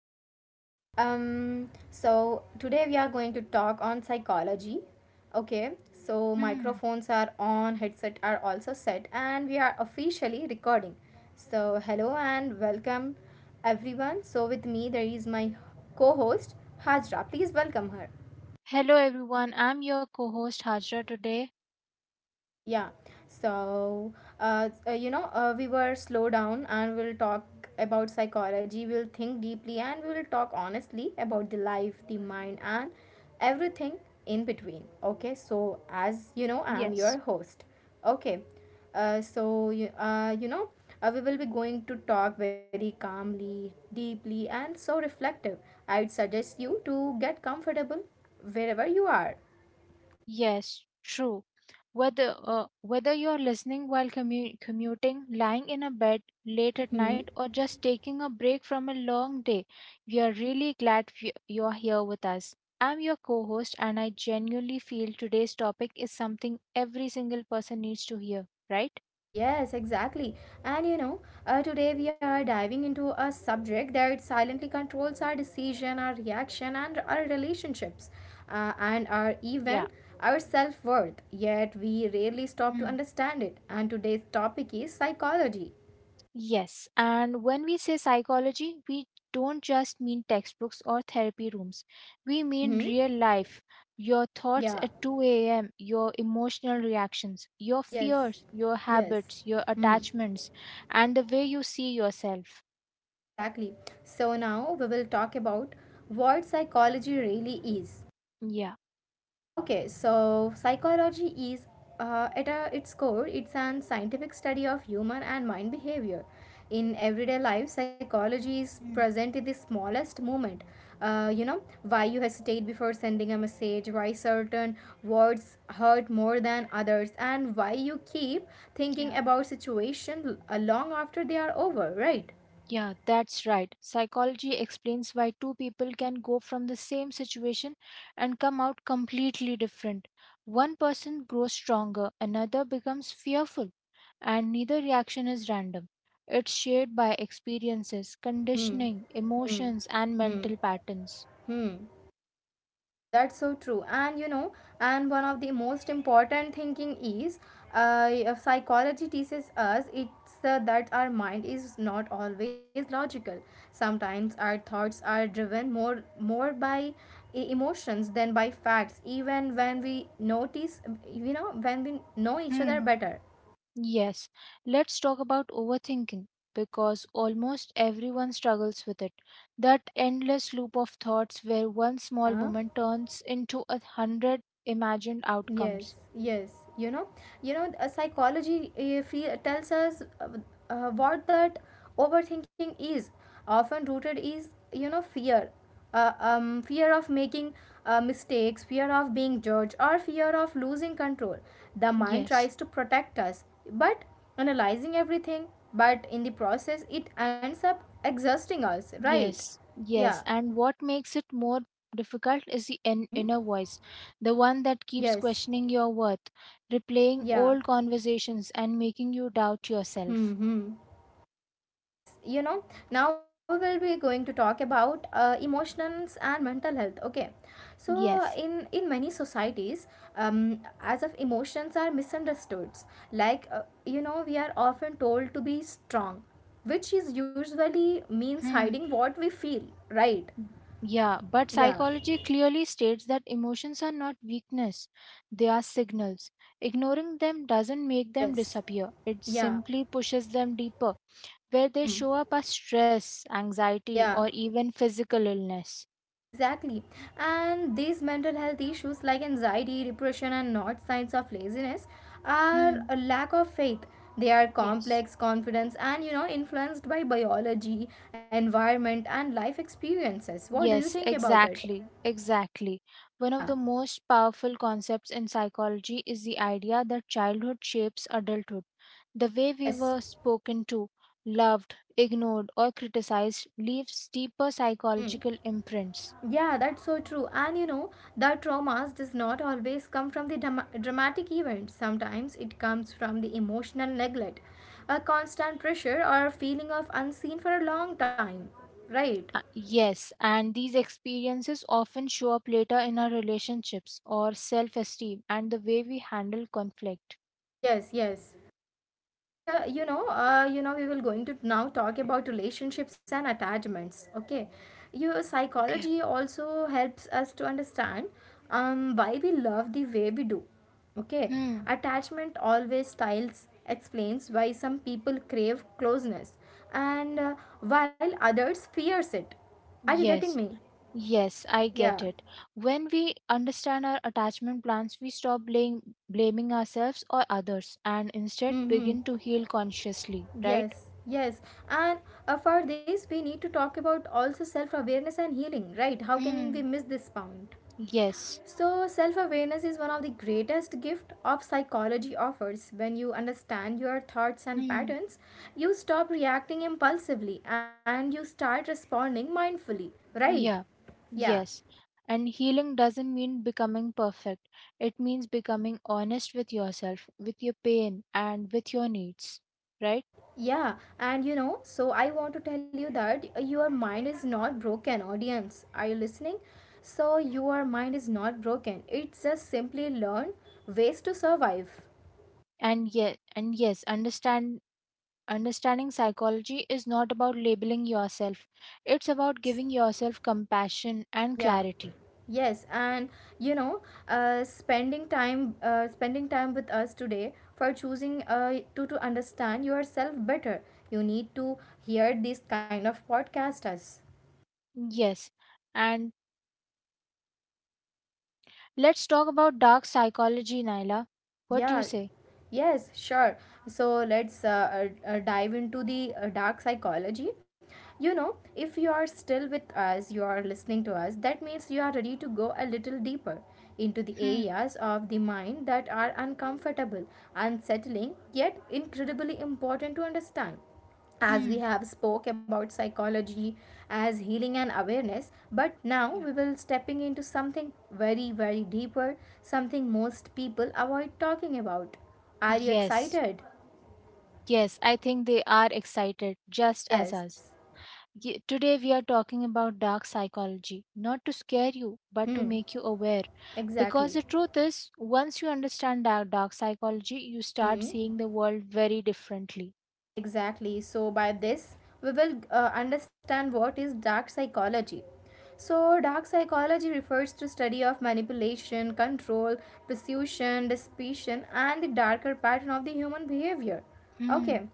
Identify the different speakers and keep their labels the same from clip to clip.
Speaker 1: podcast. So today we are going to talk on psychology. Okay, so
Speaker 2: Hmm.
Speaker 1: microphones are on, headset are also set, and we are officially recording. So hello and welcome everyone. So with me there is my co-host Hajra. Please welcome her.
Speaker 2: Hello, everyone. I'm your co host Hajra today.
Speaker 1: Yeah. So, we were slow down and we'll talk about psychology. We'll think deeply and we'll talk honestly about the life, the mind, and everything in between. Okay. So, as you know, I'm
Speaker 2: Yes.
Speaker 1: your host. Okay. Uh, so, you, uh, you know, we will be going to talk very calmly, deeply, and so reflective. I'd suggest you to get comfortable wherever you are.
Speaker 2: Yes, true. Whether whether you're listening while commuting, lying in a bed late at
Speaker 1: Hmm.
Speaker 2: night, or just taking a break from a long day, we are really glad you're here with us. I'm your co host, and I genuinely feel today's topic is something every single person needs to hear, right?
Speaker 1: Yes, exactly. And today we are diving into a subject that silently controls our decision, our reaction, and our relationships, and our
Speaker 2: Yeah.
Speaker 1: even our self worth. Yet we rarely stop to understand it. And today's topic is psychology.
Speaker 2: Yes, and when we say psychology, we don't just mean textbooks or therapy rooms. We mean
Speaker 1: Mm-hmm.
Speaker 2: real life, your thoughts
Speaker 1: Yeah.
Speaker 2: at 2 a.m., your emotional reactions, your
Speaker 1: Yes.
Speaker 2: fears, your
Speaker 1: Yes.
Speaker 2: habits, your
Speaker 1: Hmm.
Speaker 2: attachments, and the way you see yourself.
Speaker 1: Exactly. So now we will talk about what psychology really is.
Speaker 2: Yeah.
Speaker 1: Okay, so psychology is at its core, it's an scientific study of human and mind behavior. In everyday life, psychology is
Speaker 2: Mm,
Speaker 1: present in the smallest moment. You know, why you hesitate before sending a message, why certain words hurt more than others, and why you keep thinking
Speaker 2: yeah.
Speaker 1: about situation long after they are over, right?
Speaker 2: Yeah, that's right. Psychology explains why two people can go from the same situation and come out completely different. One person grows stronger, another becomes fearful, and neither reaction is random. It's shaped by experiences,
Speaker 1: Hmm,
Speaker 2: conditioning,
Speaker 1: hmm,
Speaker 2: emotions, and
Speaker 1: hmm,
Speaker 2: mental patterns.
Speaker 1: hmm. That's so true. And you know, and one of the most important thinking is uh, psychology teaches us it's that our mind is not always logical. Sometimes our thoughts are driven more by emotions than by facts, even when we notice, you know, when we know each
Speaker 2: Hmm.
Speaker 1: other better.
Speaker 2: Yes, let's talk about overthinking because almost everyone struggles with it. That endless loop of thoughts where one small
Speaker 1: Yeah.
Speaker 2: moment turns into a hundred imagined outcomes.
Speaker 1: Yes, yes. You know, a psychology tells us what that overthinking is. Often rooted is you know fear, fear of making mistakes, fear of being judged, or fear of losing control. The mind
Speaker 2: Yes,
Speaker 1: tries to protect us, but analyzing everything, but in the process, it ends up exhausting us. Right?
Speaker 2: yes,
Speaker 1: Yeah.
Speaker 2: yes. And what makes it more difficult is the
Speaker 1: Hmm.
Speaker 2: inner voice, the one that keeps
Speaker 1: Yes.
Speaker 2: questioning your worth, replaying
Speaker 1: Yeah.
Speaker 2: old conversations, and making you doubt yourself.
Speaker 1: Hmm. Hmm. Yes, you know, now we will be going to talk about emotions and mental health. Okay, so
Speaker 2: Yes.
Speaker 1: in many societies, um, as of emotions are misunderstood. Like you know, we are often told to be strong, which is usually means
Speaker 2: Hmm.
Speaker 1: hiding what we feel. Right?
Speaker 2: Yeah, but
Speaker 1: Yeah.
Speaker 2: psychology clearly states that emotions are not weakness, they are signals. Ignoring them doesn't make them
Speaker 1: Yes.
Speaker 2: disappear, it
Speaker 1: Yeah.
Speaker 2: simply pushes them deeper, where they
Speaker 1: Mm-hmm.
Speaker 2: show up as stress, anxiety, or
Speaker 1: Yeah.
Speaker 2: even physical illness.
Speaker 1: Exactly. And these mental health issues like anxiety, depression, and not signs of laziness are
Speaker 2: Hmm,
Speaker 1: a lack of faith. They are
Speaker 2: yes.
Speaker 1: complex, confidence, and you know, influenced by biology, environment, and life experiences. What do you
Speaker 2: Yes,
Speaker 1: think about it?
Speaker 2: exactly, exactly. One of
Speaker 1: Yeah,
Speaker 2: the most powerful concepts in psychology is the idea that childhood shapes adulthood. The way we
Speaker 1: yes.
Speaker 2: were spoken to, loved, ignored, or criticized leaves deeper
Speaker 1: Hmm.
Speaker 2: psychological imprints.
Speaker 1: Yeah, that's so true. And you know, the traumas does not always come from the dramatic events. Sometimes it comes from the emotional neglect, a constant pressure or a feeling of unseen for a long time. Right?
Speaker 2: Yes, and these experiences often show up later in our relationships or self esteem and the way we handle conflict.
Speaker 1: Yes, yes. And you know we will going to now talk about relationships and attachments. Okay, your
Speaker 2: Okay.
Speaker 1: psychology also helps us to understand why we love the way we do. Okay,
Speaker 2: Hmm.
Speaker 1: attachment always styles explains why some people crave closeness and while others fears it. Are you getting
Speaker 2: Yes.
Speaker 1: me?
Speaker 2: Yes, I
Speaker 1: Yeah.
Speaker 2: get it. When we understand our attachment plans, we stop blaming ourselves or others and instead
Speaker 1: Hmm.
Speaker 2: begin to heal consciously, right?
Speaker 1: Yes, yes. And for this, we need to talk about also self awareness and healing, right? How can we
Speaker 2: Hmm.
Speaker 1: miss this point?
Speaker 2: Yes.
Speaker 1: So, self awareness is one of the greatest gift of psychology offers. When you understand your thoughts and
Speaker 2: Hmm.
Speaker 1: patterns, you stop reacting impulsively and you start responding mindfully, right?
Speaker 2: Yeah.
Speaker 1: Yeah.
Speaker 2: Yes. And healing doesn't mean becoming perfect. It means becoming honest with yourself, with your pain and with your needs, right?
Speaker 1: Yeah, and you know, so I want to tell you that your mind is not broken, audience. Are you listening? So, your mind is not broken. It's just simply learn ways to survive.
Speaker 2: And yeah, and yes, Understanding psychology is not about labeling yourself, it's about
Speaker 1: Yes,
Speaker 2: giving yourself compassion and
Speaker 1: yeah.
Speaker 2: clarity.
Speaker 1: Yes, and you know, spending time with us today for choosing to understand yourself better. You need to hear this kind of podcast as
Speaker 2: Yes, and let's talk about dark psychology, Naila. What do you
Speaker 1: Yeah,
Speaker 2: say?
Speaker 1: yes, sure. So let's dive into the dark psychology. You know, if you are still with us, you are listening to us, that means you are ready to go a little deeper into the
Speaker 2: Hmm.
Speaker 1: areas of the mind that are uncomfortable, unsettling, yet incredibly important to understand as
Speaker 2: Hmm.
Speaker 1: we have spoke about psychology as healing and awareness, but now
Speaker 2: Yeah.
Speaker 1: we will stepping into something very, very deeper, something most people avoid talking about. Are you
Speaker 2: Yes,
Speaker 1: excited?
Speaker 2: yes, I think they are excited just as
Speaker 1: Yes.
Speaker 2: us. Today, we are talking about dark psychology, not to scare you, but to
Speaker 1: Hmm.
Speaker 2: make you aware. Because
Speaker 1: Exactly.
Speaker 2: the truth is, once you understand dark psychology, you start
Speaker 1: Hmm.
Speaker 2: seeing the world very differently.
Speaker 1: Exactly. So, by this, we will understand what is dark psychology. So, dark psychology refers to study of manipulation, control, persuasion, deception, and the darker pattern of the human behavior.
Speaker 2: Mm,
Speaker 1: Okay.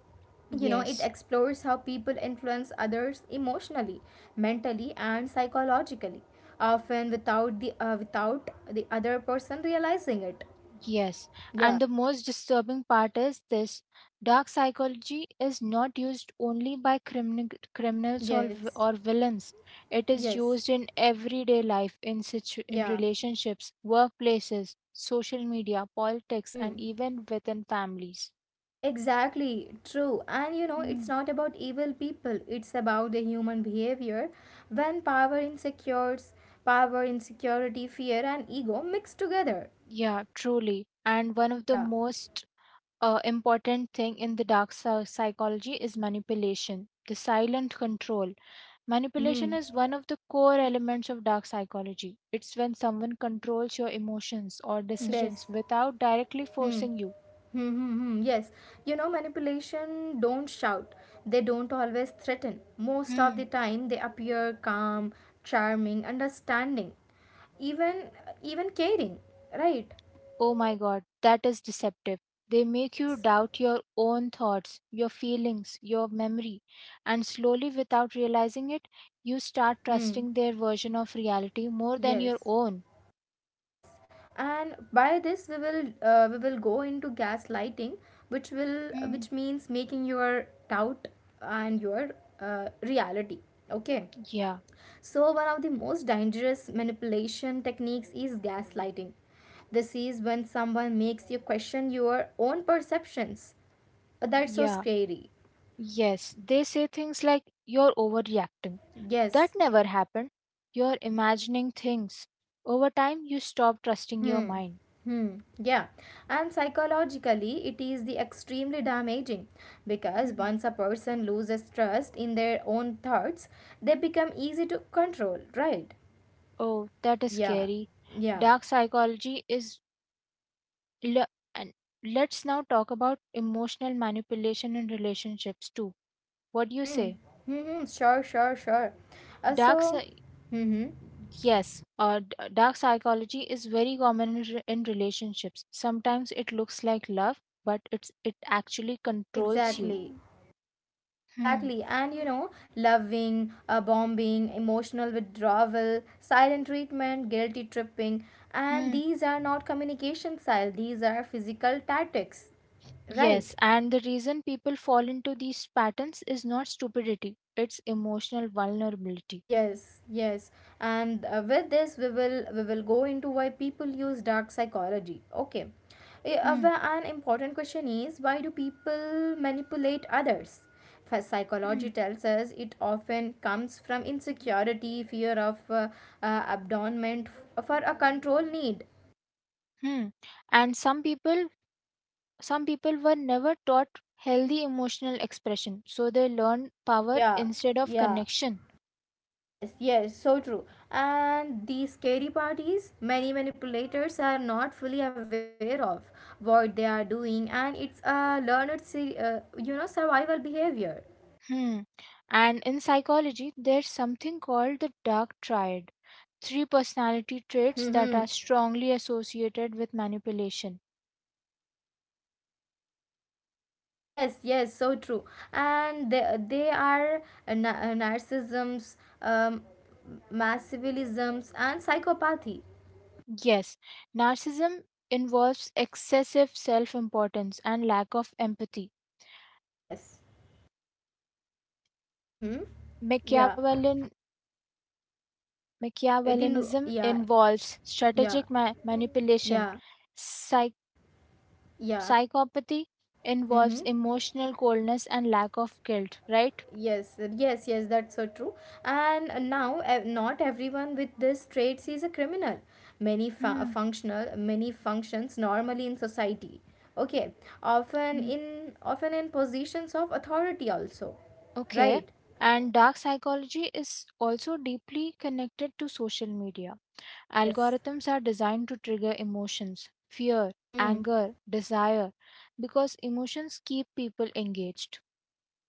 Speaker 1: You know, it
Speaker 2: yes,
Speaker 1: explores how people influence others emotionally, mentally, and psychologically, often without the without the other person realizing it.
Speaker 2: yes.
Speaker 1: Yeah.
Speaker 2: And the most disturbing part is this dark psychology is not used only by criminals or,
Speaker 1: Yes.
Speaker 2: v- or villains. It
Speaker 1: Yes.
Speaker 2: is used in everyday life, in
Speaker 1: Yeah.
Speaker 2: relationships, workplaces, social media, politics, and
Speaker 1: Hmm.
Speaker 2: even within families.
Speaker 1: Exactly, true. And you know,
Speaker 2: Mm,
Speaker 1: it's not about evil people, it's about the human behavior. When power insecures, power, insecurity, fear, and ego mix together.
Speaker 2: yeah, truly. And one of the
Speaker 1: Yeah.
Speaker 2: most important thing in the dark psychology is manipulation, the silent control.
Speaker 1: Hmm.
Speaker 2: Manipulation
Speaker 1: Hmm.
Speaker 2: is one of the core elements of dark psychology. It's when someone controls your emotions or decisions
Speaker 1: Best.
Speaker 2: without directly
Speaker 1: Hmm.
Speaker 2: forcing you.
Speaker 1: Hmm. Hmm, hmm. Yes. You know, manipulation don't shout. They don't always threaten. Most of
Speaker 2: Hmm.
Speaker 1: the time, they appear calm, charming, understanding, even even caring. Right?
Speaker 2: Oh my god, that is deceptive. They make you
Speaker 1: Yes.
Speaker 2: doubt your own thoughts, your feelings, your memory, and slowly, without realizing it, you start
Speaker 1: Hmm.
Speaker 2: trusting their version of reality more than your
Speaker 1: Yes.
Speaker 2: own.
Speaker 1: Yes, and by this we will go into gaslighting,
Speaker 2: Hmm.
Speaker 1: which means making your doubt and your reality. Okay,
Speaker 2: Yeah,
Speaker 1: so one of the most dangerous manipulation techniques is gaslighting. This is when someone makes you question your own perceptions. That's so
Speaker 2: yeah.
Speaker 1: scary.
Speaker 2: Yes, they say things like, "You're overreacting. That
Speaker 1: Yes,
Speaker 2: never happened. You're imagining things." Over time, you stop trusting your
Speaker 1: Hmm.
Speaker 2: mind.
Speaker 1: Hmm. Yeah. And psychologically, it is the extremely damaging because
Speaker 2: Mm.
Speaker 1: once a person loses trust in their own thoughts, they become easy to control, right?
Speaker 2: Oh, that is
Speaker 1: Yeah.
Speaker 2: scary.
Speaker 1: Yeah.
Speaker 2: Dark psychology is. Le- and let's now talk about emotional manipulation in relationships too. What do you say?
Speaker 1: Mm-hmm. Mm-hmm. Sure, sure, sure. Uh,
Speaker 2: Dark.
Speaker 1: so, mm-hmm.
Speaker 2: Yes, dark psychology is very common in relationships. Sometimes it looks like love, but it actually controls you.
Speaker 1: Exactly.
Speaker 2: Hmm.
Speaker 1: Exactly, and you know, loving, bombing, emotional withdrawal, silent treatment, guilty tripping, and
Speaker 2: Hmm.
Speaker 1: these are not communication style, these are physical tactics, right?
Speaker 2: Yes, and the reason people fall into these patterns is not stupidity, it's emotional vulnerability.
Speaker 1: Yes, yes. And with this we will go into why people use dark psychology. Okay.
Speaker 2: Hmm.
Speaker 1: An important question is why do people manipulate others? First,
Speaker 2: Hmm.
Speaker 1: psychology tells us it often comes from insecurity, fear of abandonment for a control need.
Speaker 2: Hmm. And some people were never taught healthy emotional expression, so they learn power
Speaker 1: Yeah,
Speaker 2: instead of
Speaker 1: yeah.
Speaker 2: connection.
Speaker 1: Yes, yes, so true. And the scary part is many manipulators are not fully aware of what they are doing, and it's a learned, you know, survival behavior.
Speaker 2: Hmm. And in psychology, there's something called the dark triad, three personality traits that
Speaker 1: Mm-hmm.
Speaker 2: are strongly associated with manipulation.
Speaker 1: Yes, yes, so true. And they are narcissisms, massivilisms, and psychopathy.
Speaker 2: Yes, narcissism involves excessive self importance and lack of empathy.
Speaker 1: Yes. Mm-hmm. Yeah.
Speaker 2: Machiavellian,
Speaker 1: It in
Speaker 2: Machiavellianism
Speaker 1: yeah,
Speaker 2: involves
Speaker 1: yeah,
Speaker 2: strategic manipulation.
Speaker 1: yeah,
Speaker 2: Psych-
Speaker 1: yeah.
Speaker 2: psychopathy involves
Speaker 1: Mm-hmm.
Speaker 2: emotional coldness and lack of guilt, right?
Speaker 1: Yes, yes, that's so true. And now, not everyone with these traits is a criminal. Many
Speaker 2: Hmm.
Speaker 1: many functions normally in society. Okay,
Speaker 2: Hmm.
Speaker 1: often in positions of authority also,
Speaker 2: Okay.
Speaker 1: right?
Speaker 2: And dark psychology is also deeply connected to social media.
Speaker 1: Yes.
Speaker 2: Algorithms are designed to trigger emotions, fear,
Speaker 1: Hmm.
Speaker 2: anger, desire, because emotions keep people engaged.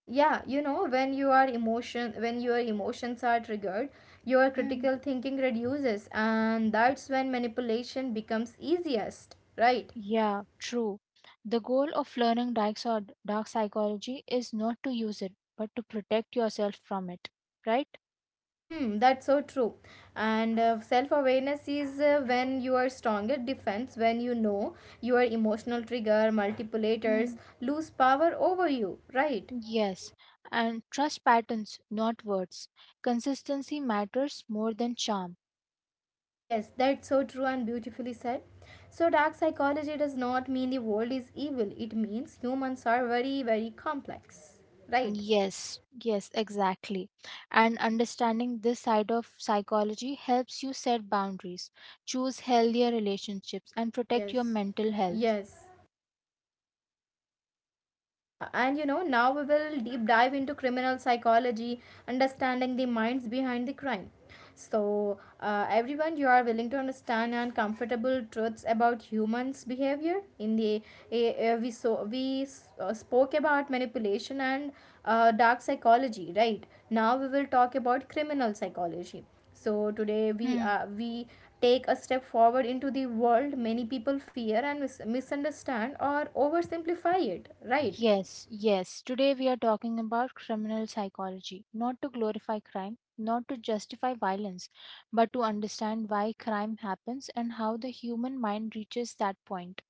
Speaker 1: Yeah, you know, when your emotions are triggered, your
Speaker 2: Hmm.
Speaker 1: critical thinking reduces and that's when manipulation becomes easiest, right?
Speaker 2: Yeah, true. The goal of learning dark psychology is not to use it, but to protect yourself from it, right?
Speaker 1: Hmm, that's so true. And self awareness is when you are stronger defense, when you know your emotional trigger, manipulators
Speaker 2: Hmm.
Speaker 1: lose power over you, right?
Speaker 2: Yes, and trust patterns, not words. Consistency matters more than charm.
Speaker 1: Yes, that's so true and beautifully said. So, dark psychology does not mean the world is evil, it means humans are very, very complex, right?
Speaker 2: Yes, yes, exactly. And understanding this side of psychology helps you set boundaries, choose healthier relationships, and protect your
Speaker 1: Yes,
Speaker 2: mental health.
Speaker 1: yes. Yeah, and you know, now we will deep dive into criminal psychology, understanding the minds behind the crime. So, everyone, you are willing to understand and comfortable truths about humans' behavior. In the a, we so we s- spoke about manipulation and dark psychology, right? Now we will talk about criminal psychology. So
Speaker 2: Hmm.
Speaker 1: today we take a step forward into the world many people fear and misunderstand or oversimplify it, right?
Speaker 2: Yes, yes. Today we are talking about criminal psychology, not to glorify crime, not to justify violence, but to understand why crime happens and how the human mind reaches that point.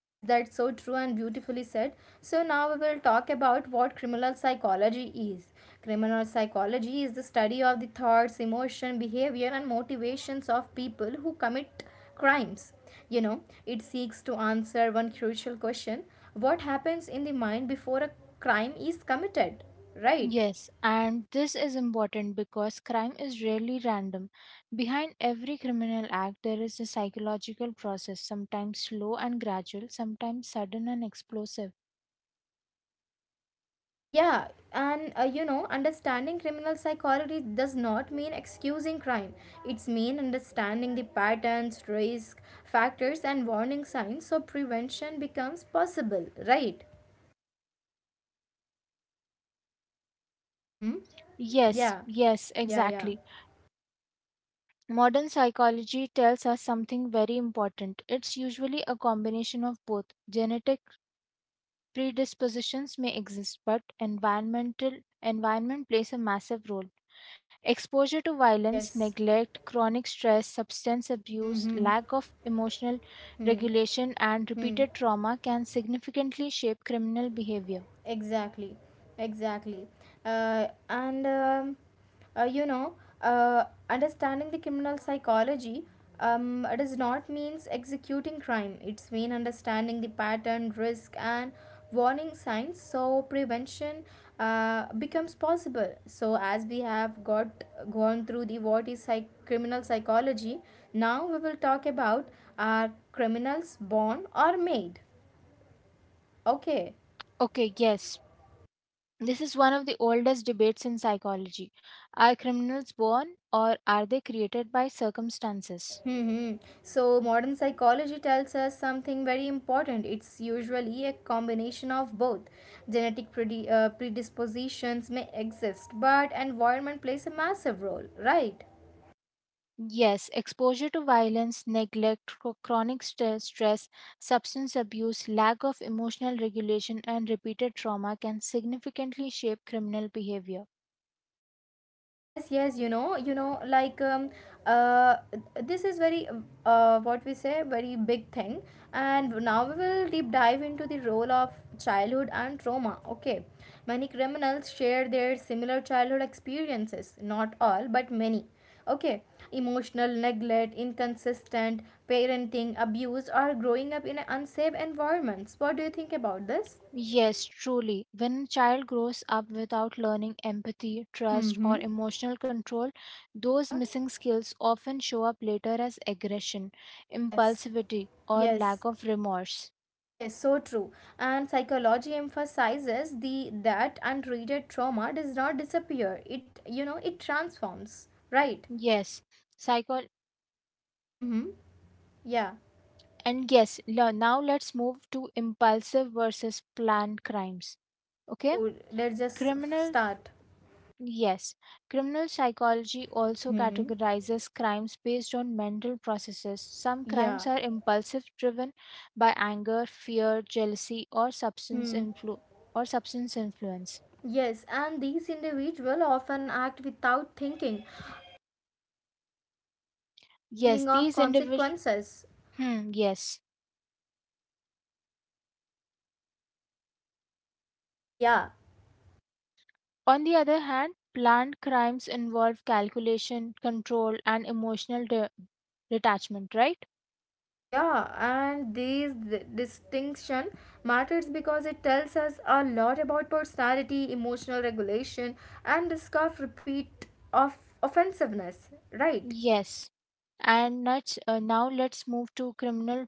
Speaker 1: Yes, that's so true and beautifully said. So, now we will talk about what criminal psychology is. Criminal psychology is the study of the thoughts, emotion, behavior, and motivations of people who commit crimes. You know, it seeks to answer one crucial question, what happens in the mind before a crime is committed, right?
Speaker 2: Yes, and this is important because crime is rarely random. Behind every criminal act, there is a psychological process, sometimes slow and gradual, sometimes sudden and explosive.
Speaker 1: Yeah, and you know, understanding criminal psychology does not mean excusing crime. It's mean understanding the patterns, risk factors, and warning signs, so prevention becomes possible, right? Mm-hmm.
Speaker 2: Yes,
Speaker 1: Yeah,
Speaker 2: yes,
Speaker 1: yeah, yeah.
Speaker 2: exactly. Modern psychology tells us something very important. It's usually a combination of both. Genetic predispositions may exist, but environment plays a massive role. Exposure to violence,
Speaker 1: Yes.
Speaker 2: neglect, chronic stress, substance
Speaker 1: Hmm.
Speaker 2: abuse,
Speaker 1: Hmm.
Speaker 2: lack of emotional
Speaker 1: Hmm.
Speaker 2: regulation, and
Speaker 1: Hmm.
Speaker 2: repeated trauma can significantly shape criminal behavior.
Speaker 1: Exactly, exactly. Uh, and um, uh, you know, Understanding the criminal psychology it does not means executing crime. It's mean understanding the pattern, risk, and warning signs. So prevention becomes possible. So as we have got gone through the what is criminal psychology, now we will talk about are criminals born or made. Okay.
Speaker 2: Okay, yes, this is one of the oldest debates in psychology. Are criminals born or are they created by circumstances?
Speaker 1: Hmm. So, modern psychology tells us something very important. It's usually a combination of both. Genetic predispositions may exist, but environment plays a massive role, right?
Speaker 2: Yes, exposure to violence, neglect, chronic stress, substance abuse, lack of emotional regulation, and repeated trauma can significantly shape criminal behavior.
Speaker 1: Yes, yes, you know, like uh, this is very what we say, very big thing. And now we will deep dive into the role of childhood and trauma. Okay, many criminals share their similar childhood experiences. Not all, but many. Okay, emotional neglect, inconsistent parenting, abuse, or growing up in unsafe environments. What do you think about this?
Speaker 2: Yes, truly. When a child grows up without learning empathy, trust, or
Speaker 1: Mm-hmm.
Speaker 2: emotional control, those
Speaker 1: Yeah.
Speaker 2: missing skills often show up later as aggression,
Speaker 1: Yes.
Speaker 2: impulsivity, or
Speaker 1: Yes.
Speaker 2: lack of remorse.
Speaker 1: Yes, so true. And psychology emphasizes the that untreated trauma does not disappear. It you know it transforms, right?
Speaker 2: Yes, psycho
Speaker 1: Mm-hmm. Yeah.
Speaker 2: and yes, now let's move to impulsive versus planned crimes. Okay?
Speaker 1: Oh, let's just
Speaker 2: Criminal
Speaker 1: start.
Speaker 2: Yes, criminal psychology also
Speaker 1: Mm-hmm.
Speaker 2: categorizes crimes based on mental processes. Some
Speaker 1: Yeah.
Speaker 2: crimes are impulsive driven by anger, fear, jealousy or
Speaker 1: Hmm.
Speaker 2: substance influence.
Speaker 1: Yes, and these individuals often act without thinking or
Speaker 2: Yes,
Speaker 1: thinking of
Speaker 2: these individuals
Speaker 1: consequences.
Speaker 2: yes.
Speaker 1: Yeah.
Speaker 2: On the other hand, planned crimes involve calculation, control and emotional detachment, right?
Speaker 1: Yeah, and these distinction matters because it tells us a lot about personality, emotional regulation, and risk of repeat of offensiveness. Right?
Speaker 2: Yes. And now let's move to criminal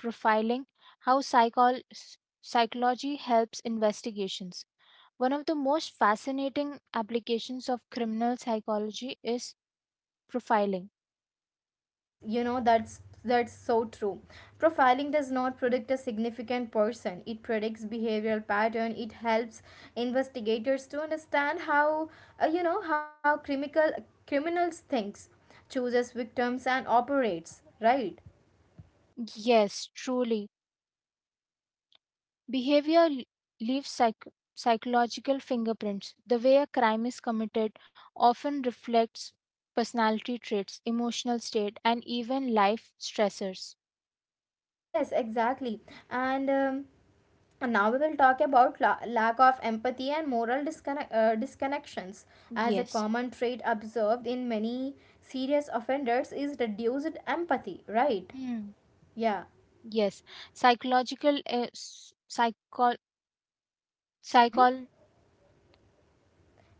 Speaker 2: profiling, how psychology helps investigations. One of the most fascinating applications of criminal psychology is profiling.
Speaker 1: Yes, that's so true. Profiling does not predict a significant person. It predicts behavioral pattern. It helps investigators to understand how you know how criminals thinks, chooses victims, and operates. Right?
Speaker 2: Yes, truly. Behavior leaves psychological fingerprints. The way a crime is committed often reflects personality traits, emotional state, and even life stressors.
Speaker 1: Yes, exactly. And um, and now we will talk about lack of empathy and moral disconnections as a
Speaker 2: Yes.
Speaker 1: common trait observed in many serious offenders is reduced empathy, right?
Speaker 2: Hmm.
Speaker 1: Yeah.
Speaker 2: Yes. Psychological psycho-
Speaker 1: Mm-hmm.
Speaker 2: psychol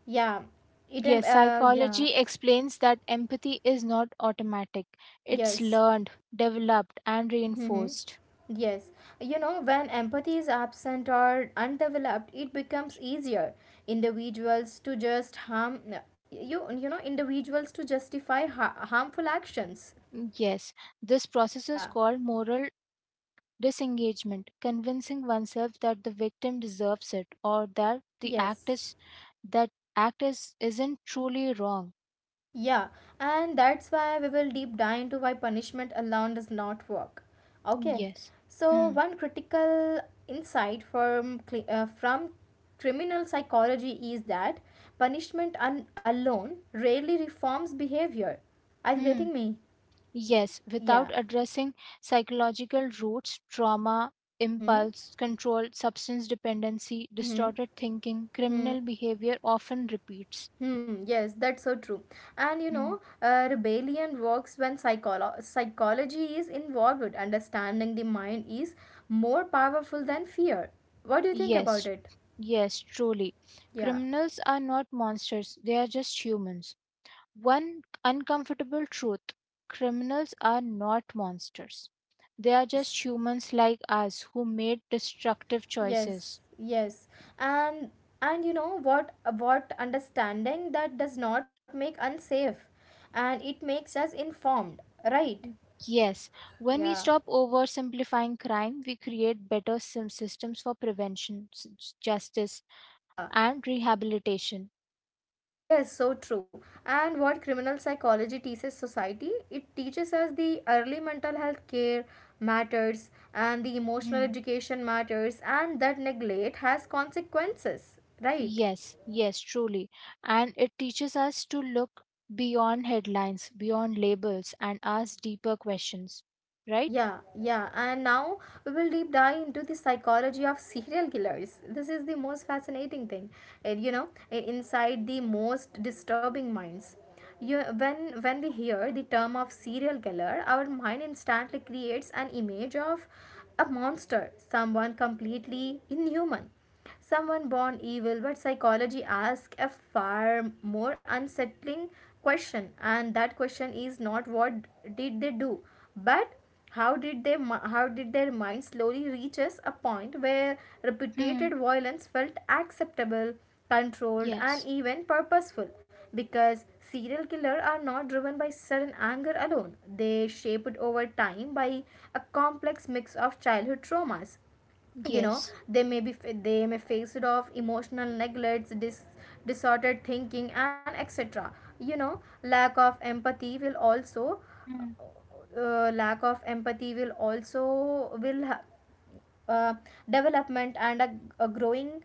Speaker 1: Yeah. It
Speaker 2: Yes,
Speaker 1: Yeah.
Speaker 2: psychology explains that empathy is not automatic. It's
Speaker 1: Yes.
Speaker 2: learned, developed, and
Speaker 1: Mm-hmm.
Speaker 2: reinforced.
Speaker 1: Yes. When empathy is absent or undeveloped, it becomes easier individuals to just harm individuals to justify harmful actions.
Speaker 2: Yes, this process is
Speaker 1: Yeah,
Speaker 2: called moral disengagement, convincing oneself that the victim deserves it or
Speaker 1: yes,
Speaker 2: that act is, isn't truly wrong.
Speaker 1: yeah, and that's why we will deep dive into why punishment alone does not work. Okay,
Speaker 2: Yes.
Speaker 1: so
Speaker 2: Hmm.
Speaker 1: one critical insight from criminal psychology is that punishment alone rarely reforms behavior. Are you
Speaker 2: Hmm.
Speaker 1: getting me?
Speaker 2: Yes, without
Speaker 1: Yeah.
Speaker 2: addressing psychological roots, trauma,
Speaker 1: Mm-hmm.
Speaker 2: impulse control, substance dependency,
Speaker 1: Mm-hmm.
Speaker 2: distorted thinking, criminal
Speaker 1: Mm-hmm.
Speaker 2: behavior often repeats.
Speaker 1: Hmm, yes, that's so true. And
Speaker 2: Hmm.
Speaker 1: rebellion works when psychology is involved. Understanding the mind is more powerful than fear. What do you think
Speaker 2: Yes,
Speaker 1: about it?
Speaker 2: yes, truly.
Speaker 1: Yeah.
Speaker 2: Criminals are not monsters, they are just humans. One uncomfortable truth: criminals are not monsters. They are
Speaker 1: Yes.
Speaker 2: just humans like us who made destructive choices.
Speaker 1: Yes. Yes. And and you know what understanding that does not make unsafe, and it makes us informed, right?
Speaker 2: Yes, when we
Speaker 1: Yeah.
Speaker 2: stop oversimplifying crime, we create better systems for prevention, justice,
Speaker 1: Yeah.
Speaker 2: and rehabilitation.
Speaker 1: Yes, so true. And what criminal psychology teaches society? It teaches us the early mental health care matters and the emotional
Speaker 2: Mm,
Speaker 1: education matters, and that neglect has consequences, right?
Speaker 2: Yes, yes, truly. And it teaches us to look beyond headlines, beyond labels, and ask deeper questions. Right?
Speaker 1: Yeah, yeah. And now we will deep dive into the psychology of serial killers. This is the most fascinating thing, inside the most disturbing minds. You, when we hear the term of serial killer, our mind instantly creates an image of a monster, someone completely inhuman, someone born evil, but psychology asks a far more unsettling question, and that question is not what did they do, but how did their mind slowly reaches a point where
Speaker 2: Hmm.
Speaker 1: repeated violence felt acceptable, controlled, and
Speaker 2: Yes,
Speaker 1: even purposeful? Because serial killers are not driven by sudden anger alone; they shaped over time by a complex mix of childhood traumas. You know,
Speaker 2: yes.
Speaker 1: they may face it off emotional neglects, disordered thinking, and etc. You know, lack of empathy will also, will uh, development, and a growing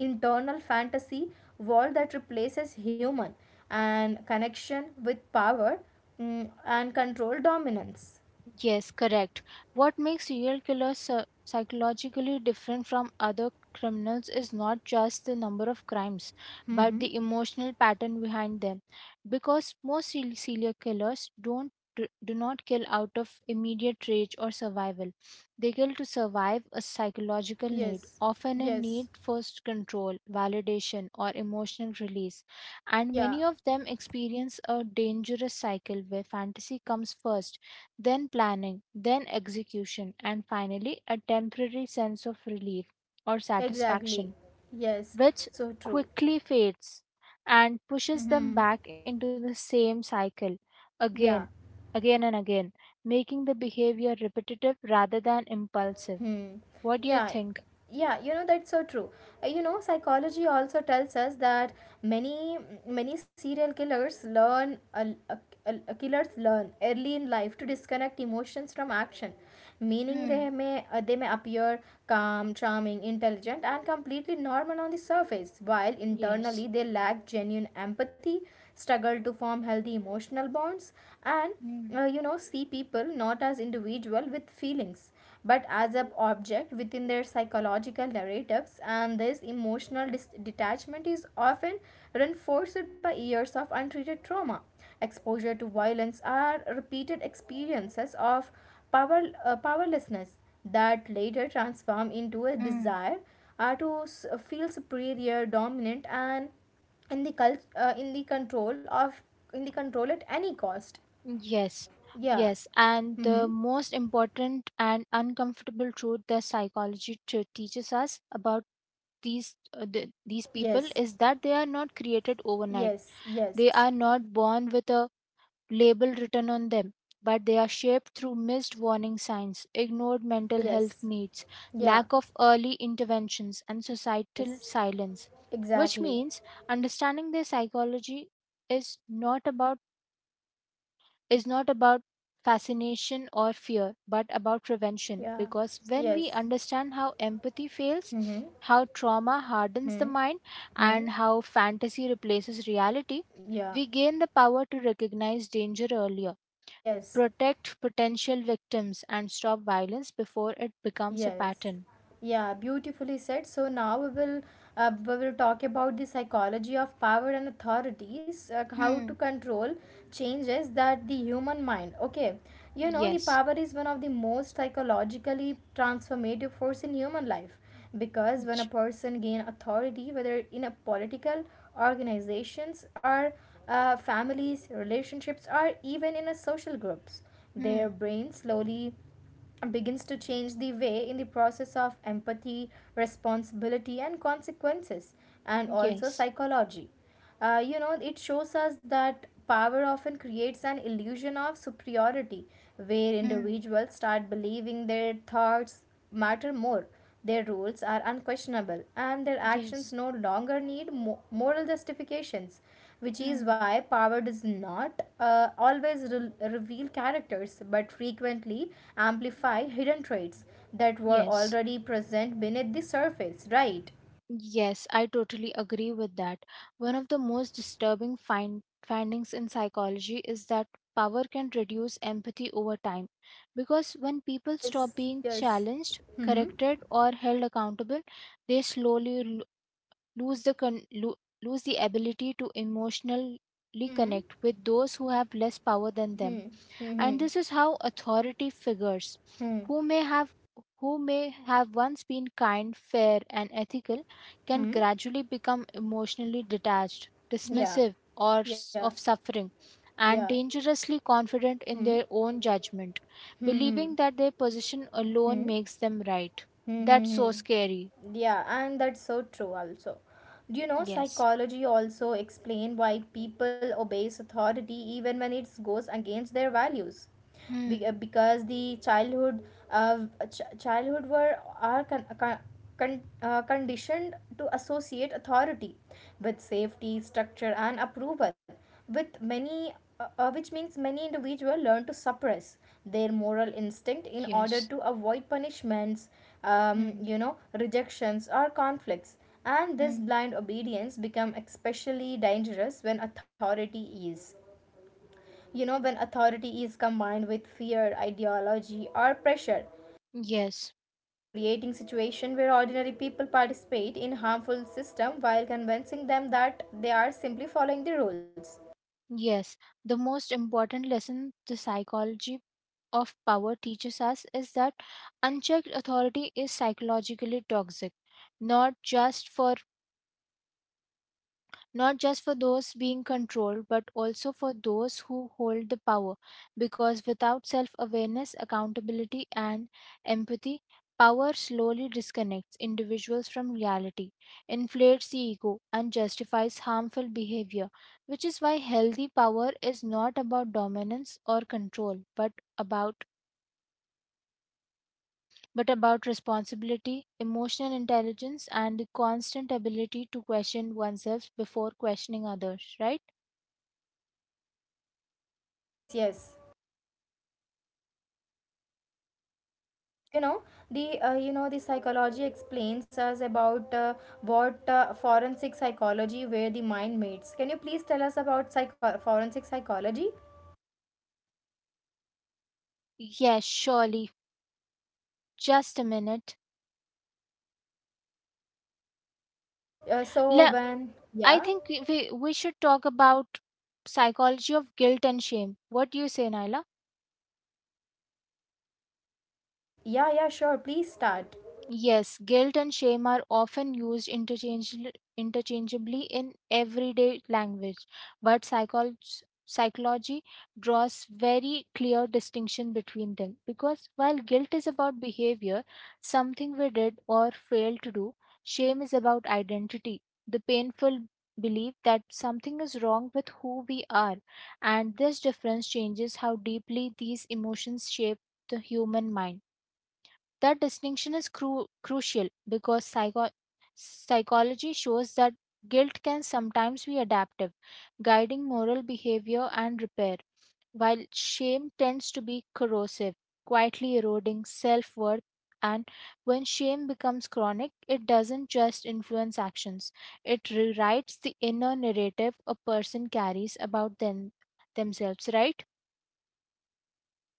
Speaker 1: internal fantasy world that replaces human and connection with power, mm, and control, dominance.
Speaker 2: Yes, correct. What makes serial killers psychologically different from other criminals is not just the number of crimes, but
Speaker 1: Mm-hmm.
Speaker 2: the emotional pattern behind them. Because most serial killers don't do do not kill out of immediate rage or survival. They kill to survive a psychological need,
Speaker 1: Yes.
Speaker 2: often a need
Speaker 1: Yes.
Speaker 2: for control, validation, or emotional release. And
Speaker 1: Yeah.
Speaker 2: many of them experience a dangerous cycle where fantasy comes first, then planning, then execution, and finally a temporary sense of relief or
Speaker 1: Exactly.
Speaker 2: satisfaction,
Speaker 1: Yes.
Speaker 2: which
Speaker 1: So true.
Speaker 2: quickly fades and pushes them
Speaker 1: Mm-hmm.
Speaker 2: back into the same cycle again,
Speaker 1: Yeah.
Speaker 2: again, and again, making the behavior repetitive rather than impulsive.
Speaker 1: Hmm.
Speaker 2: What do you
Speaker 1: Yeah.
Speaker 2: think?
Speaker 1: Yeah, you know that's so true. You know, psychology also tells us that many many serial killers learn a- killers learn early in life to disconnect emotions from action, meaning
Speaker 2: Hmm,
Speaker 1: they may appear calm, charming, intelligent, and completely normal on the surface, while
Speaker 2: yes.
Speaker 1: internally they lack genuine empathy, struggle to form healthy emotional bonds, and
Speaker 2: Hmm,
Speaker 1: see people not as individual with feelings but as an object within their psychological narratives, and this emotional detachment is often reinforced by years of untreated trauma. Exposure to violence or repeated experiences of powerlessness that later transform into a
Speaker 2: hmm.
Speaker 1: desire to feel superior, dominant, and in the cult, in the control of in the control at any cost.
Speaker 2: Yes.
Speaker 1: Yeah.
Speaker 2: Yes, and the
Speaker 1: Mm-hmm.
Speaker 2: most important and uncomfortable truth that psychology teaches us about these people
Speaker 1: Yes.
Speaker 2: is that they are not created overnight.
Speaker 1: Yes.
Speaker 2: They
Speaker 1: Yes.
Speaker 2: are not born with a label written on them, but they are shaped through missed warning signs, ignored mental health
Speaker 1: Yes.
Speaker 2: needs,
Speaker 1: Yeah.
Speaker 2: lack of early interventions, and societal
Speaker 1: Yes.
Speaker 2: silence. Which
Speaker 1: Exactly.
Speaker 2: means understanding their psychology is not about is not about fascination or fear, but about prevention.
Speaker 1: Yeah.
Speaker 2: Because when we
Speaker 1: Yes.
Speaker 2: understand how empathy fails,
Speaker 1: Mm-hmm.
Speaker 2: how trauma hardens the
Speaker 1: Mm-hmm.
Speaker 2: mind, and how fantasy replaces reality,
Speaker 1: Yeah.
Speaker 2: we gain the power to recognize danger earlier,
Speaker 1: Yes.
Speaker 2: protect potential victims, and stop violence before it becomes a
Speaker 1: Yes.
Speaker 2: pattern.
Speaker 1: Yeah, beautifully said. So now we will talk about the psychology of power and authorities, how to
Speaker 2: Hmm,
Speaker 1: control changes that the human mind. Okay. You know, the
Speaker 2: yes.
Speaker 1: power is one of the most psychologically transformative force in human life because when a
Speaker 2: Ch-
Speaker 1: person gain authority, whether in a political organizations, or families relationships, or even in a social groups, their
Speaker 2: Hmm,
Speaker 1: brain slowly begins to change the way in the process of empathy, responsibility, and consequences, and also
Speaker 2: yes.
Speaker 1: psychology. You know, it shows us that power often creates an illusion of superiority where
Speaker 2: Hmm,
Speaker 1: individuals start believing their thoughts matter more, their rules are unquestionable, and their actions
Speaker 2: yes.
Speaker 1: no longer need moral justifications, which
Speaker 2: Hmm,
Speaker 1: is why power does not always reveal characters but frequently amplify hidden traits that were
Speaker 2: yes.
Speaker 1: already present beneath the surface, right?
Speaker 2: Yes, I totally agree with that. One of the most disturbing findings in psychology is that power can reduce empathy over time, because when people stop
Speaker 1: Yes,
Speaker 2: being
Speaker 1: yes.
Speaker 2: challenged,
Speaker 1: Hmm.
Speaker 2: corrected, or held accountable, they slowly lose the ability to emotionally
Speaker 1: Hmm.
Speaker 2: connect with those who have less power than them.
Speaker 1: Hmm. Hmm.
Speaker 2: And this is how authority figures,
Speaker 1: Hmm.
Speaker 2: who may have who may have once been kind, fair, and ethical, can
Speaker 1: Hmm.
Speaker 2: gradually become emotionally detached,
Speaker 1: Yeah.
Speaker 2: dismissive, or
Speaker 1: Yeah.
Speaker 2: of suffering,
Speaker 1: Yeah.
Speaker 2: and dangerously confident
Speaker 1: Hmm.
Speaker 2: in their own judgment,
Speaker 1: Hmm. Hmm.
Speaker 2: believing that their position
Speaker 1: Hmm.
Speaker 2: alone makes them right. That's so scary.
Speaker 1: Mm-hmm. Yeah, and that's so true also. Do you know
Speaker 2: Yes.
Speaker 1: psychology also explain why people obeys authority even when it goes against their values?
Speaker 2: Hmm,
Speaker 1: Because the childhood were are conditioned to associate authority with safety, structure, and approval, with many which means many individuals learn to suppress their moral instinct in order
Speaker 2: yes.
Speaker 1: to avoid punishments,
Speaker 2: Hmm,
Speaker 1: rejections, or conflicts. And this
Speaker 2: hmm,
Speaker 1: blind obedience become especially dangerous is when authority is combined with fear, ideology, or pressure,
Speaker 2: yes,
Speaker 1: and creating situation where ordinary people participate in harmful system while convincing them that they are simply following the rules.
Speaker 2: yes. The most important lesson the psychology of power teaches us is that unchecked authority is psychologically toxic, not just for not just for those being controlled but also for those who hold the power, because without self awareness, accountability, and empathy, power slowly disconnects individuals from reality, inflates the ego, and justifies harmful behavior, which is why healthy power is not about dominance or control, but about responsibility, emotional intelligence, and the constant ability to question oneself before questioning others, right?
Speaker 1: Yes, yes. You know the uh, you know the psychology explains us about what forensic psychology, where the mind meets. Can you please tell us about forensic psychology?
Speaker 2: Yes, surely. Just a minute.
Speaker 1: So
Speaker 2: Le-
Speaker 1: when,
Speaker 2: I
Speaker 1: yeah.
Speaker 2: think we should talk about psychology of guilt and shame. What do you say, Naila?
Speaker 1: Yeah, yeah, sure, please start.
Speaker 2: Yes, guilt and shame are often used interchangeably in everyday language, but psychology draws very clear distinction between them, because while guilt is about behavior, something we did or failed to do, shame is about identity, the painful belief that something is wrong with who we are, and this difference changes how deeply these emotions shape the human mind. That distinction is crucial because psychology shows that guilt can sometimes be adaptive, guiding moral behavior and repair, while shame tends to be corrosive, quietly eroding self worth. And when shame becomes chronic, it doesn't just influence actions, it rewrites the inner narrative a person carries about themselves, right?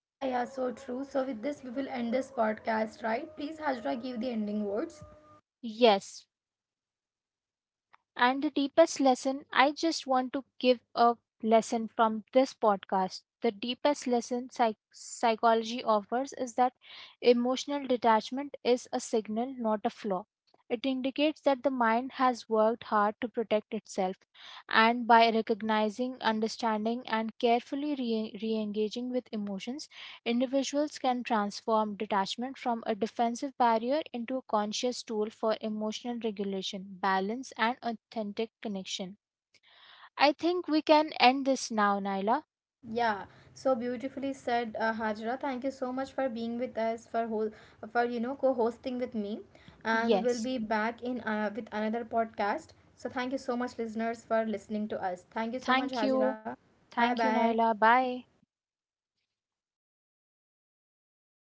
Speaker 1: Yeah, yeah, so true. So, with this, we will end this podcast, right? Please, Hajra, give the ending words.
Speaker 2: Yes, and the deepest lesson, I just want to give a lesson from this podcast. The deepest lesson psychology offers is that emotional detachment is a signal, not a flaw. It indicates that the mind has worked hard to protect itself, and by recognizing, understanding, and carefully re engaging with emotions, individuals can transform detachment from a defensive barrier into a conscious tool for emotional regulation, balance, and authentic connection. I think we can end this now, Naila.
Speaker 1: Yeah, so beautifully said, Hajra. Thank you so much for being with us for whole, for co-hosting with me, and we will
Speaker 2: Yes.
Speaker 1: be back in with another podcast. So thank you so much, listeners, for listening to us. Thank you so much,
Speaker 2: Thank
Speaker 1: Hajra.
Speaker 2: you.
Speaker 1: Bye
Speaker 2: Thank you,
Speaker 1: bye.
Speaker 2: Naila. Bye.